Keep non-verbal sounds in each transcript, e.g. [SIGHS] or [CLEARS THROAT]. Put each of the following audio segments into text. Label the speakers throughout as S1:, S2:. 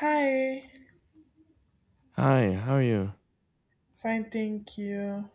S1: Hi,
S2: Hi, how are you?
S1: fine, thank you.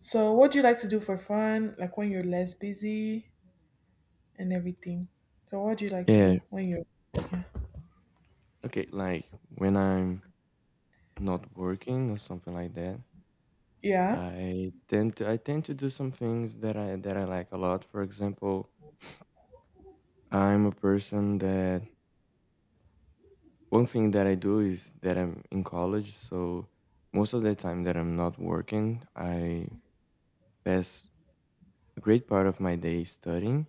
S1: So, what do you like to do for fun, like when you're less busy and everything? So, what do you like to
S2: Yeah,
S1: do when you're,
S2: okay, like when I'm not working or something like that,
S1: yeah?
S2: I tend to do some things that I like a lot. For example, I'm a person that one thing that I do is that I'm in college, so most of the time that I'm not working, I pass a great part of my day studying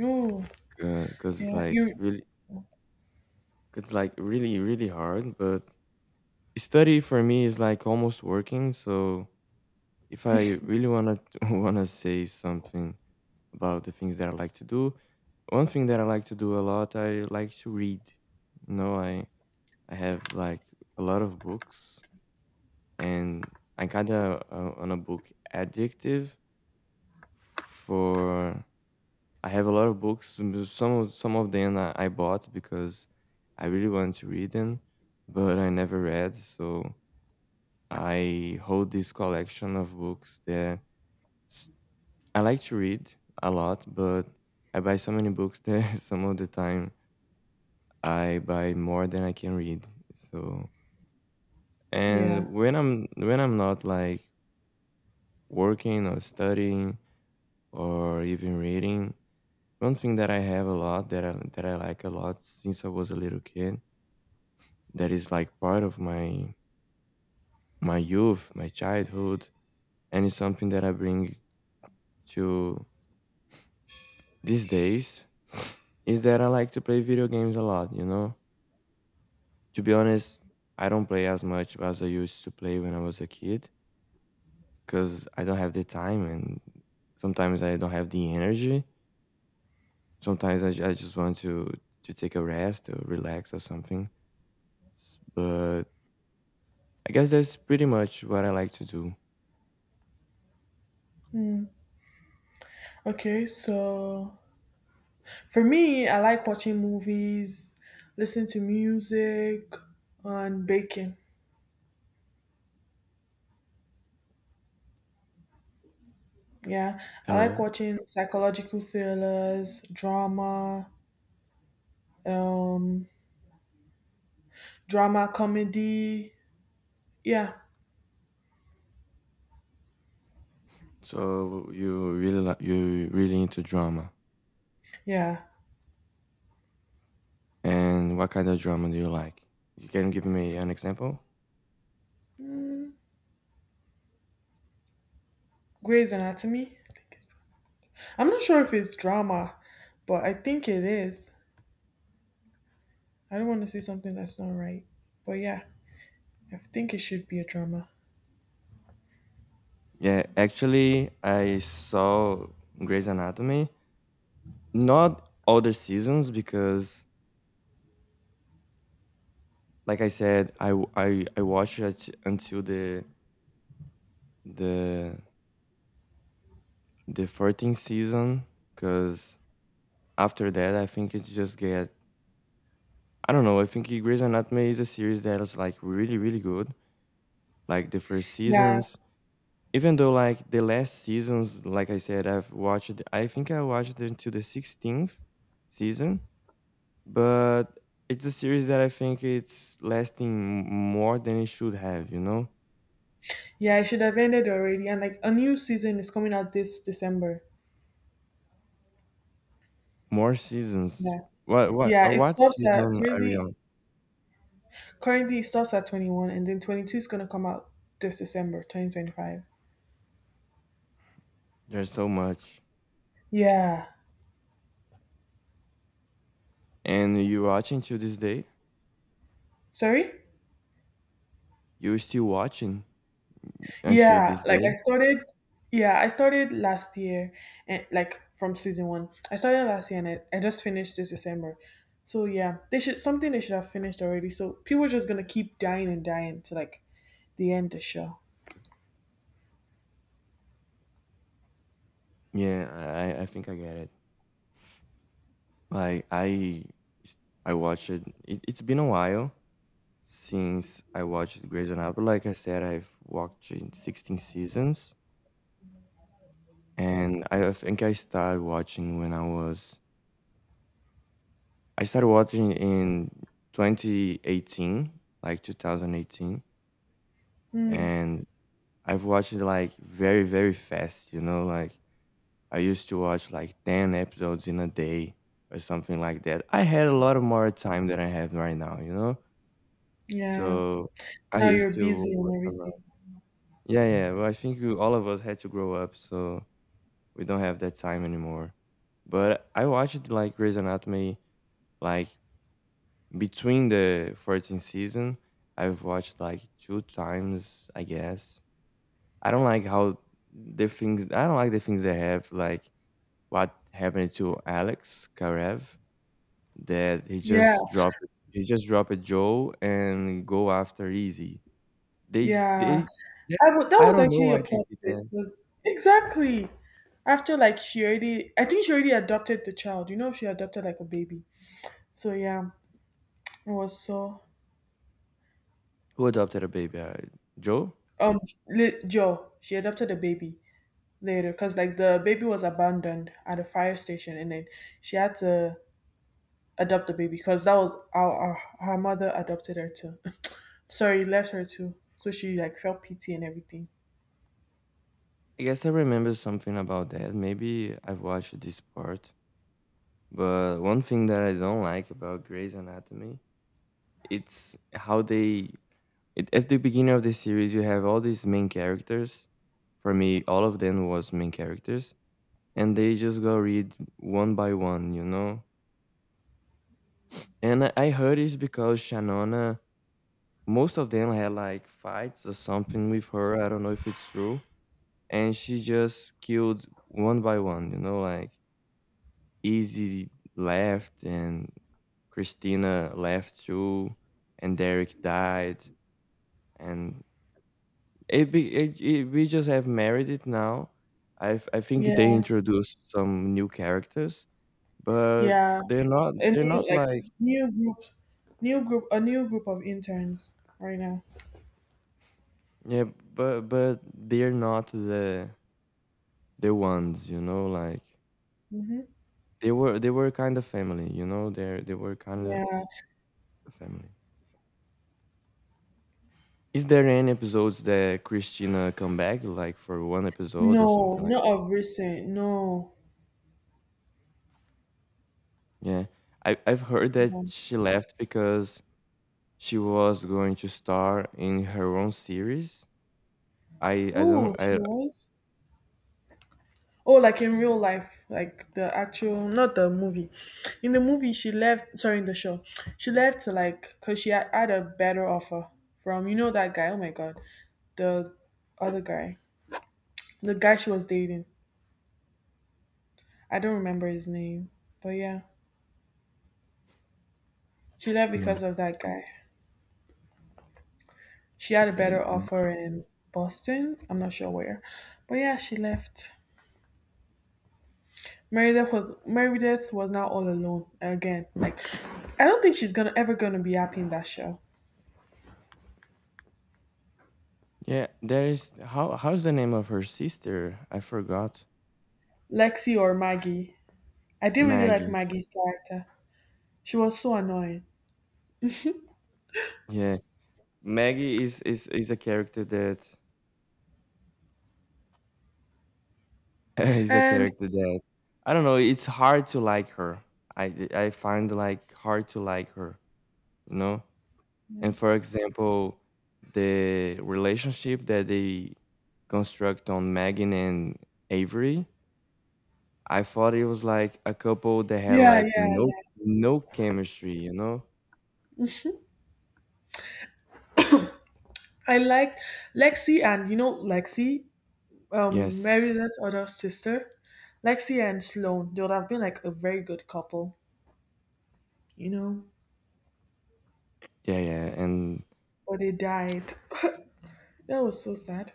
S1: Oh,
S2: because
S1: yeah, you,
S2: it's like really really hard, but study for me is like almost working, so if I really wanna [LAUGHS] wanna say something about the things that I like to do, one thing that I like to do a lot, I like to read. You know, I have like a lot of books, and I kinda on a book addictive. For I have a lot of books. Some of them I bought because I really wanted to read them, but I never read. So I hold this collection of books that I like to read a lot, but I buy so many books that [LAUGHS] some of the time I buy more than I can read. So,
S1: yeah.
S2: and when I'm not like working or studying or even reading, one thing that I have a lot that I like a lot since I was a little kid that is like part of my youth, my childhood, and it's something that I bring to these days is that I like to play video games a lot, you know? To be honest, I don't play as much as I used to play when I was a kid because I don't have the time and sometimes I don't have the energy. Sometimes I just want to take a rest or relax or something. But I guess that's pretty much what I like to do.
S1: Okay, so for me, I like watching movies, listen to music, and baking. Yeah, I like
S2: Hello.
S1: watching psychological thrillers, drama, um, drama comedy. Yeah,
S2: So you really you really into drama,
S1: yeah.
S2: and what kind of drama do you like? You can give me an example?
S1: Grey's Anatomy, I think. I'm not sure if it's drama, but I think it is. I don't want to say something that's not right. But yeah, I think it should be a drama.
S2: Yeah, actually, I saw Grey's Anatomy. Not all the seasons because, like I said, I watched it until the the 14th season because after that I think it just get I don't know. I think Grey's Anatomy is a series that is like really really good, like the first
S1: Yeah.
S2: seasons, even though like the last seasons, like I said, I watched until the 16th season, but it's a series that I think it's lasting more than it should have, you know.
S1: Yeah, it should have ended already. And like a new season is coming out this December.
S2: More seasons.
S1: Yeah.
S2: What what
S1: Yeah,
S2: uh,
S1: it
S2: what
S1: stops at
S2: season are you
S1: currently
S2: on?
S1: currently it stops at 21, and then 22 is going to come out this December 2025.
S2: There's so much.
S1: Yeah.
S2: And you watching to this day?
S1: Sorry?
S2: You still watching until
S1: Yeah,
S2: this
S1: like
S2: day?
S1: I started last year and like from season one. I started last year and I just finished this December. So yeah, they should have finished already. So people are just gonna keep dying and dying to like the show.
S2: Yeah, I think I get it. Like I watched it. It it's been a while since I watched Grey's Anatomy. Like I said, I've watched it 16 seasons, and I think I started watching in 2018, like 2018,
S1: Hmm.
S2: and I've watched it like very, very fast, you know, like I used to watch like 10 episodes in a day or something like that. I had a lot of more time than I have right now, you know?
S1: Yeah.
S2: So I
S1: Now you're
S2: used to
S1: busy
S2: watch
S1: and
S2: a lot.
S1: everything.
S2: Yeah, yeah. Well, I think we, all of us had to grow up, so we don't have that time anymore. But I watched like Grey's Anatomy, like between the 14th season, I've watched like two times, I guess. I don't like how the things I don't like the things they have, like what happened to Alex Karev, that
S1: Yeah,
S2: he just dropped Joe and go after Easy. They j-
S1: yeah.
S2: they that,
S1: That
S2: I
S1: was
S2: don't know
S1: actually a
S2: why they
S1: plot
S2: did
S1: twist.
S2: that.
S1: Was exactly after like she already. I think she already adopted the child. You know, she adopted like a baby. So yeah, it was so.
S2: Who adopted a baby? Joe?
S1: Um, Joe, she adopted a baby later because like the baby was abandoned at a fire station, and then she had to adopt the baby because that was our her mother adopted her too. [LAUGHS] Sorry, left her too, so she like felt pity and everything.
S2: I guess I remember something about that. Maybe I've watched this part. But one thing that I don't like about Grey's Anatomy, it's how they it, at the beginning of the series you have all these main characters, for me all of them was main characters, and they just go read one by one, you know, and I heard it's because Shanona most of them had like fights or something with her. I don't know if it's true, and she just killed one by one, you know, like Easy left, and Christina left too, and Derek died, and It be it, it, we just have married it now. I think they
S1: Yeah,
S2: introduced some new characters, but
S1: yeah.
S2: they're not
S1: A
S2: they're
S1: new,
S2: not like
S1: like, new group of interns right now.
S2: yeah, but they're not the the ones, you know, like
S1: Mm-hmm.
S2: they were kind of family, you know, they were kind of
S1: Yeah.
S2: family. Is there any episodes that Christina come back like for one episode or
S1: No,
S2: something like
S1: not
S2: that?
S1: of recent. No.
S2: Yeah, I've heard that
S1: No.
S2: she left because she was going to star in her own series. I don't
S1: Oh, she
S2: I
S1: was. Oh, like in real life, like the actual, not the movie. In the movie, she left. Sorry, in the show, she left to, like, because she had a better offer from, you know, that guy. Oh my god, the other guy, the guy she was dating. I don't remember his name, but yeah, she left
S2: Yeah,
S1: because of that guy. She had a
S2: okay.
S1: better
S2: Mm.
S1: offer in Boston. I'm not sure where, but yeah, she left. Meredith was now all alone again. Like, I don't think she's gonna ever gonna be happy in that show.
S2: Yeah, there is. How how's the name of her sister? I forgot.
S1: Lexi or Maggie. I didn't really like
S2: Maggie.
S1: Maggie's character. She was so annoying.
S2: Yeah, Maggie is a character that [LAUGHS] is a
S1: And
S2: character that I don't know. It's hard to like her. I find like hard to like her, you know. And for example, the relationship that they construct on Megan and Avery, I thought it was like a couple that had
S1: yeah,
S2: like
S1: yeah,
S2: no
S1: yeah.
S2: no chemistry, you know?
S1: I liked Lexi, and, you know, Lexi,
S2: Yes.
S1: Mary's other sister. Lexi and Sloane, they would have been like a very good couple, you know?
S2: Yeah, yeah. And
S1: But they died. [SIGHS] [LAUGHS] That was so sad.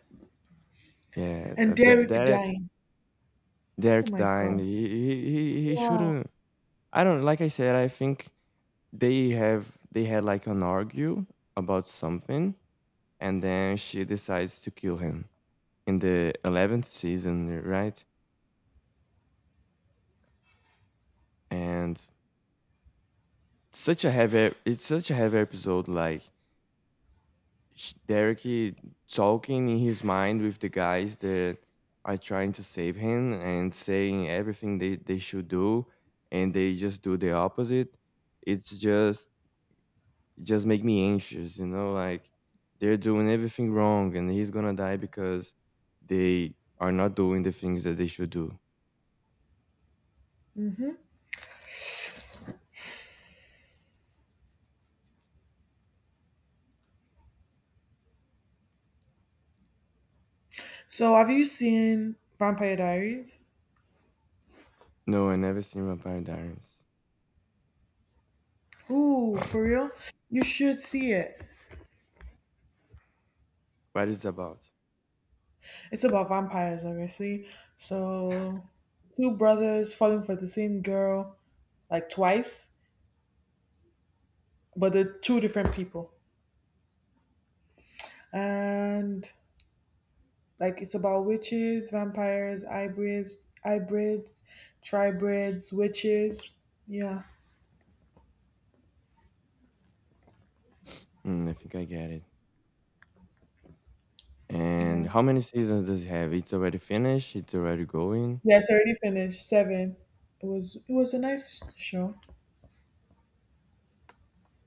S2: yeah,
S1: And
S2: uh, that
S1: Derek
S2: that
S1: dying. Oh
S2: Derek
S1: my
S2: Dine,
S1: god.
S2: he
S1: Wow.
S2: shouldn't. I don't. Like I said, I think they had like an argue about something, and then she decides to kill him in the 11th season, right? And such a heavy it's such a heavy episode, like Derek talking in his mind with the guys that are trying to save him and saying everything they should do, and they just do the opposite. it's just it just make me anxious, you know, like they're doing everything wrong and he's gonna die because they are not doing the things that they should do.
S1: So have you seen Vampire Diaries?
S2: No, I never seen Vampire Diaries.
S1: Ooh, for real? You should see it.
S2: What is it about?
S1: It's about vampires, obviously. So, two brothers falling for the same girl like twice, but they're two different people. And like it's about witches, vampires, hybrids, tribrids, witches. Yeah,
S2: Mm, I think I get it. And
S1: yeah,
S2: how many seasons does it have? It's already finished? It's already going?
S1: yeah. It's already finished. Seven. It was a nice show.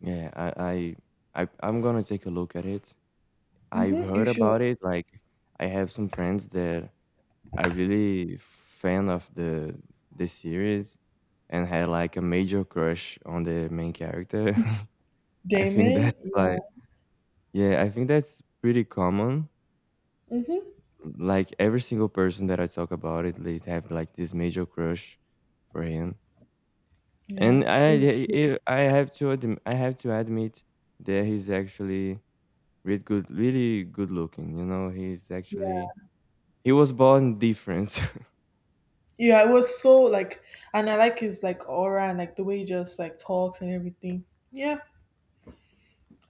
S2: Yeah, I'm gonna take a look at it. I've
S1: Mm-hmm. You
S2: heard
S1: should.
S2: about it. Like I have some friends that are really fan of the series and had like a major crush on the main character. [LAUGHS] I think that's
S1: Damon. Yeah.
S2: like yeah, I think that's pretty common.
S1: Mm-hmm.
S2: Like every single person that I talk about it, they have like this major crush for him. And
S1: Yeah. Is,
S2: I have to admit that he's actually really good, really good looking. You know, he's actually
S1: yeah.
S2: he was born different.
S1: Yeah, it was so like, and I like his like aura and like the way he just like talks and everything. Yeah,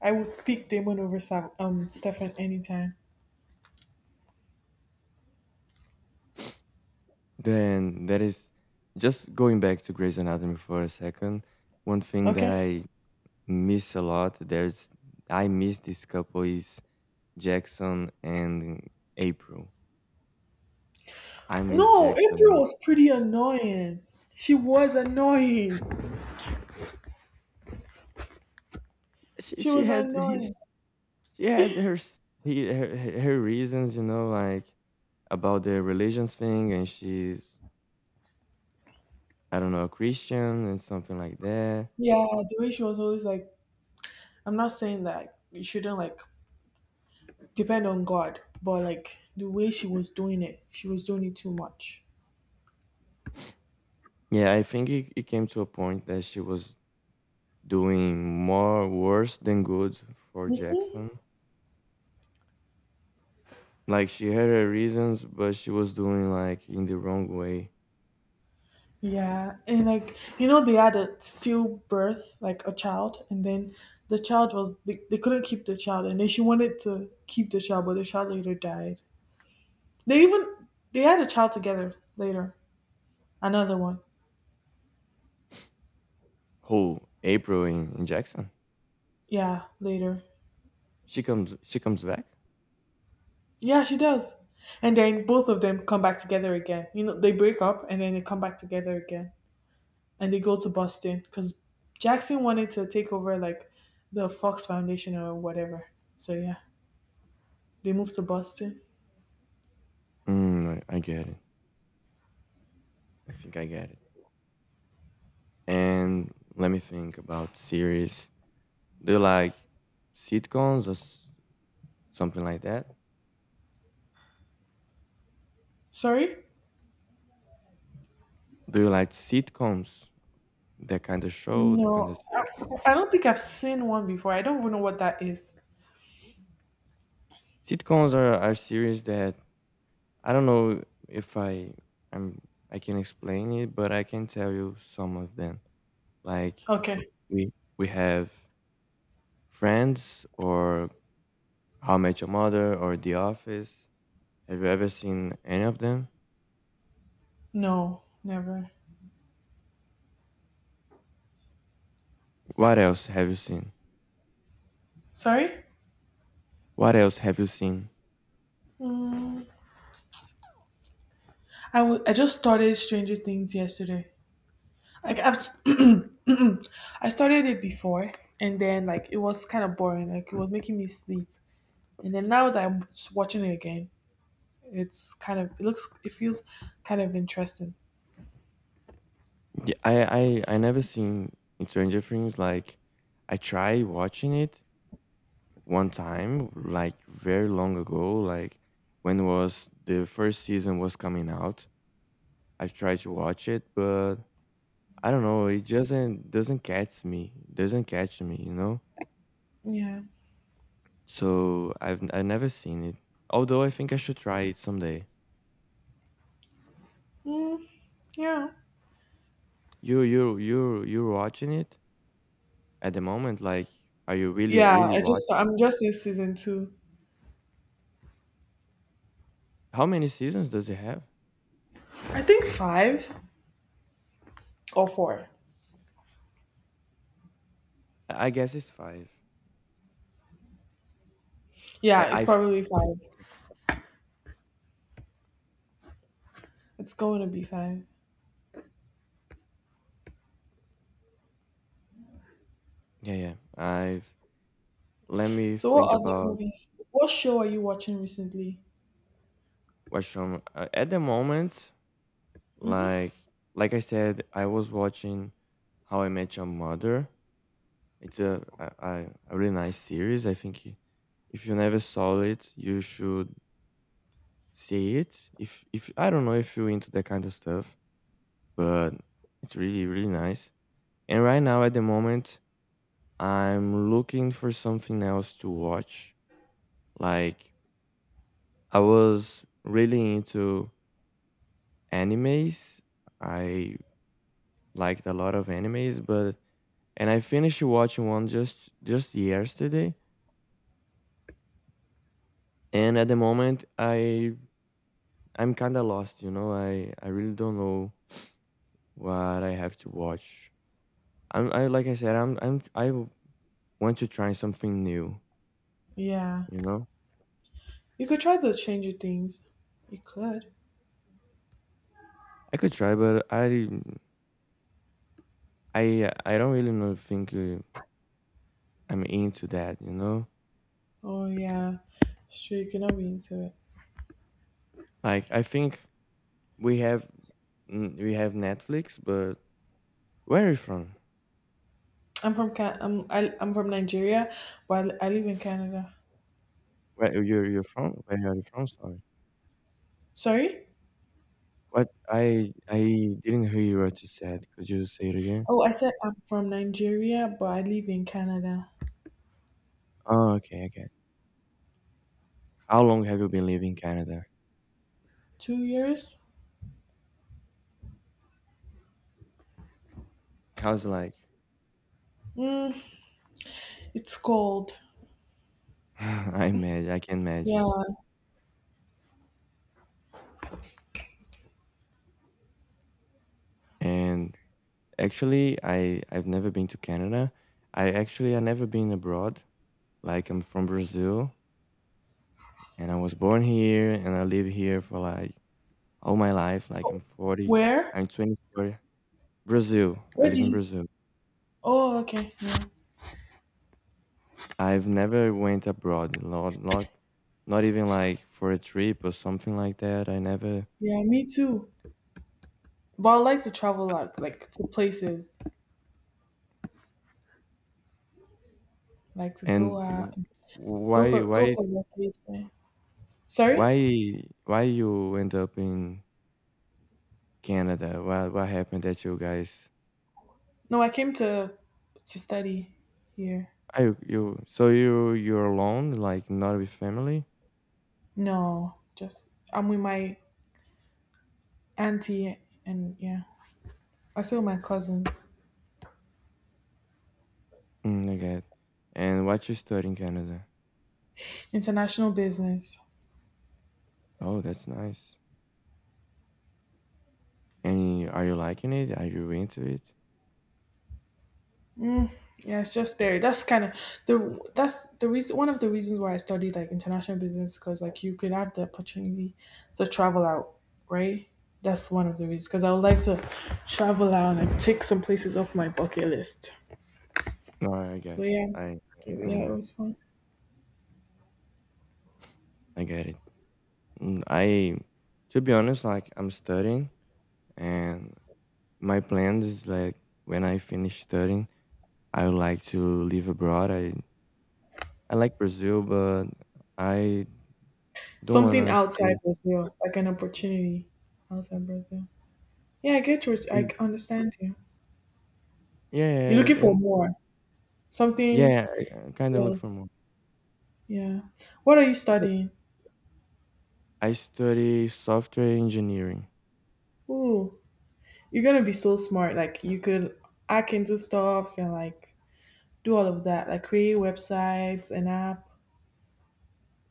S1: I would pick Damon over Stefan anytime.
S2: [LAUGHS] Then that is, just going back to Grey's Anatomy for a second. One thing that
S1: Okay.
S2: I miss a lot, there's I miss this couple is Jackson and April. I miss
S1: No, April
S2: Jackson.
S1: was pretty annoying. She was annoying.
S2: She
S1: She
S2: she
S1: was
S2: had [LAUGHS] he,
S1: annoying.
S2: she had her s- he, her her reasons, you know, like about the religions thing, and she's I don't know a Christian and something like that.
S1: Yeah, the way she was always like, I'm not saying that you shouldn't like depend on God, but like the way she was doing it, she was doing it too much.
S2: Yeah, I think it came to a point that she was doing more worse than good for Jackson. Like she had her reasons, but she was doing like in the wrong way.
S1: Yeah, and like, you know, they had a stillbirth, like a child, and then they couldn't keep the child, and then she wanted to keep the child, but the child later died. They even they had a child together later, another one.
S2: Who April in Jackson?
S1: Yeah, later.
S2: She comes back?
S1: Yeah, she does, and then both of them come back together again. You know, they break up and then they come back together again, and they go to Boston because Jackson wanted to take over like the Fox Foundation or whatever. So yeah, they moved to Boston.
S2: Mm, I get it. I think I get it. And let me think about series. Do you like sitcoms or s- something like that?
S1: Sorry?
S2: Do you like sitcoms? That kind of show, that kind of
S1: No, I,
S2: series?
S1: I don't think I've seen one before. I don't even know what that is.
S2: Sitcoms are series that I don't know if I I'm I can explain it, but I can tell you some of them. Like
S1: Okay.
S2: we have Friends or How I Met Your Mother or The Office. Have you ever seen any of them?
S1: No, never.
S2: What else have you seen?
S1: Sorry?
S2: What else have you seen?
S1: I would. I just started Stranger Things yesterday. Like I've, s- [CLEARS THROAT] I started it before, and then like it was kind of boring. Like it was making me sleep. And then now that I'm watching it again, it feels kind of interesting.
S2: Yeah, I never seen Stranger Things. Like I tried watching it one time, like very long ago, like when was the first season was coming out I try to watch it, but I don't know. It doesn't catch me. Doesn't catch me, you know.
S1: Yeah.
S2: So I never seen it. Although I think I should try it someday.
S1: Mm, yeah.
S2: You're watching it at the moment. Like, are you really
S1: Yeah.
S2: really
S1: I
S2: watch?
S1: just I'm just in season two.
S2: How many seasons does it have?
S1: I think five or four.
S2: I guess it's five. I
S1: Yeah,
S2: I,
S1: it's
S2: f-
S1: probably
S2: I
S1: five.
S2: think it's,
S1: It's going to be five.
S2: yeah yeah. I've let me
S1: So, what
S2: think
S1: other
S2: about
S1: movies? What show are you watching recently?
S2: what show. At the moment,
S1: Hmm.
S2: like like I said, I was watching How I Met Your Mother. It's a really nice series. I think if you never saw it, you should see it. If I don't know if you're into that kind of stuff, but it's really really nice. And right now at the moment, I'm looking for something else to watch. Like I was really into animes. I liked a lot of animes, but and I finished watching one just yesterday. And at the moment, I'm kind of lost, you know. I really don't know what I have to watch. I'm I like I said, want to try something new,
S1: Yeah,
S2: you know.
S1: you could try to change your things. You could.
S2: I could try, but I don't really know. Think I'm into that, you know.
S1: Oh yeah, sure. You cannot be into it.
S2: Like I think we have we have Netflix, but where are you from?
S1: I'm from Nigeria, but I live in Canada.
S2: Where you're from? Where are you from? Sorry.
S1: Sorry.
S2: What I didn't hear you what you said. Could you say it again?
S1: Oh, I said I'm from Nigeria, but I live in Canada.
S2: Oh, okay, okay. How long have you been living in Canada?
S1: 2 years.
S2: I was like,
S1: Mm, it's cold.
S2: [LAUGHS] I imagine, I can
S1: Yeah.
S2: imagine. And actually, I I've never been to Canada. I actually I never been abroad. Like I'm from Brazil, and I was born here, and I live here for like all my life. Like I'm
S1: Oh,
S2: 40,
S1: where?
S2: I'm 24. Brazil, I
S1: Where
S2: live
S1: do
S2: in
S1: you?
S2: Brazil.
S1: Oh, okay. Yeah.
S2: I've never went abroad. Not not even like for a trip or something like that. I never.
S1: Yeah, me too. But I like to travel like to places, like to
S2: And
S1: go
S2: you-
S1: out,
S2: why
S1: go
S2: why
S1: for vacation. Sorry?
S2: why you end up in Canada. What happened that you guys?
S1: No, I came to study here.
S2: Are you, you so you're alone, like not with family?
S1: No, just I'm with my auntie and yeah, I still with my cousins.
S2: Mm, I get. And what you study in Canada?
S1: International business.
S2: Oh, that's nice. And are you liking it? Are you into it?
S1: Yeah, it's just there. That's kind of the that's the reason one of the reasons why I studied like international business because like you could have the opportunity to travel out, right? That's one of the reasons because I would like to travel out and take some places off my bucket list.
S2: No, I
S1: So
S2: guess
S1: yeah,
S2: I
S1: yeah, it
S2: know
S1: was fun.
S2: I get it. Mm, I to be honest, like I'm studying, and my plan is like when I finish studying, I would like to live abroad. I like Brazil, but I don't
S1: Something
S2: wanna
S1: outside
S2: stay.
S1: Brazil, like an opportunity outside Brazil. Yeah, I get you. I understand you. You're
S2: Yeah, and
S1: looking for
S2: and
S1: more, something
S2: yeah, I kinda look for
S1: else.
S2: more.
S1: Yeah. What are you
S2: But
S1: studying?
S2: I study software engineering.
S1: Ooh, you're gonna be so smart. Like you could hack into stuffs and like do all of that, like create websites, an app.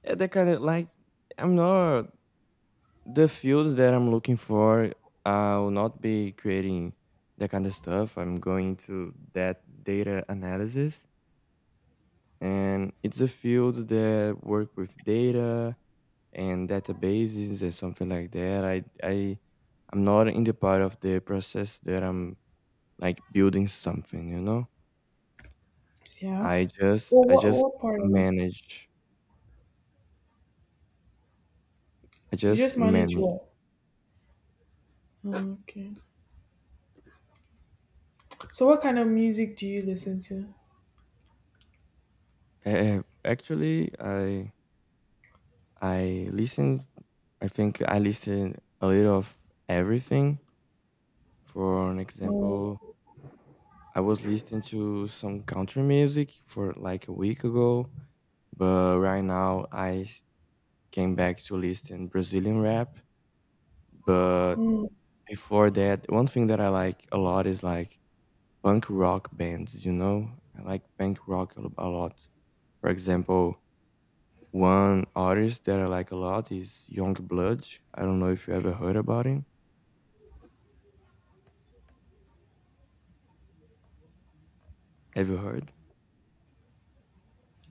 S2: Yeah, that kinda like, I'm not the field that I'm looking for, I will not be creating that kind of stuff. I'm going to that data analysis, and it's a field that work with data and databases and something like that. I'm not in the part of the process that I'm, like, building something, you know?
S1: Yeah.
S2: I just
S1: Well,
S2: I
S1: what
S2: just
S1: what part? Of you?
S2: manage. I
S1: You
S2: just
S1: just manage
S2: manage.
S1: what? Oh, okay. So, what kind of music do you listen to?
S2: Actually, I listen. I think I listen a little of everything. For an example,
S1: Oh,
S2: I was listening to some country music for like a week ago, but right now came back to listen Brazilian rap. But
S1: mm,
S2: before that, one thing that I like a lot is like punk rock bands. You know, I like punk rock a lot. For example, one artist that I like a lot is Youngblood. I don't know if you ever heard about him. Have you heard?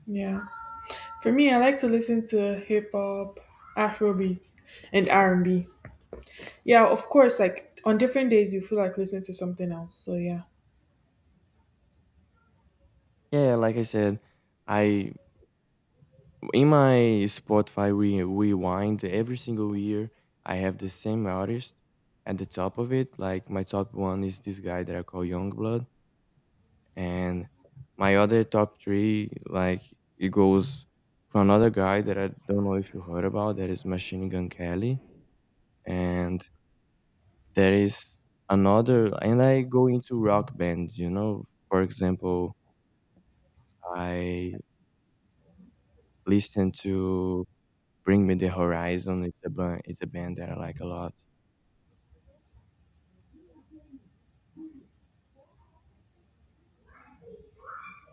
S1: yeah. For me, I like to listen to hip hop, Afrobeats, and R&B. Yeah, of course. Like on different days, you feel like listening to something else. So yeah,
S2: Yeah, like I said, I in my Spotify we rewind every single year. I have the same artist at the top of it. Like my top one is this guy that I call Youngblood, and my other top three like it goes for another guy that I don't know if you heard about. That is Machine Gun Kelly, and there is another, and I go into rock bands, you know. For example, I listen to Bring Me the Horizon. It's a band, that I like a lot.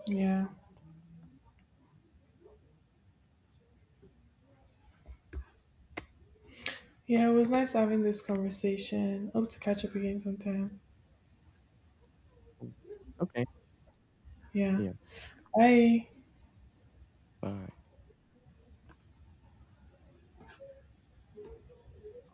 S1: yeah, yeah. It was nice having this conversation. Hope to catch up again sometime.
S2: Okay,
S1: Yeah.
S2: see ya.
S1: Bye.
S2: Bye.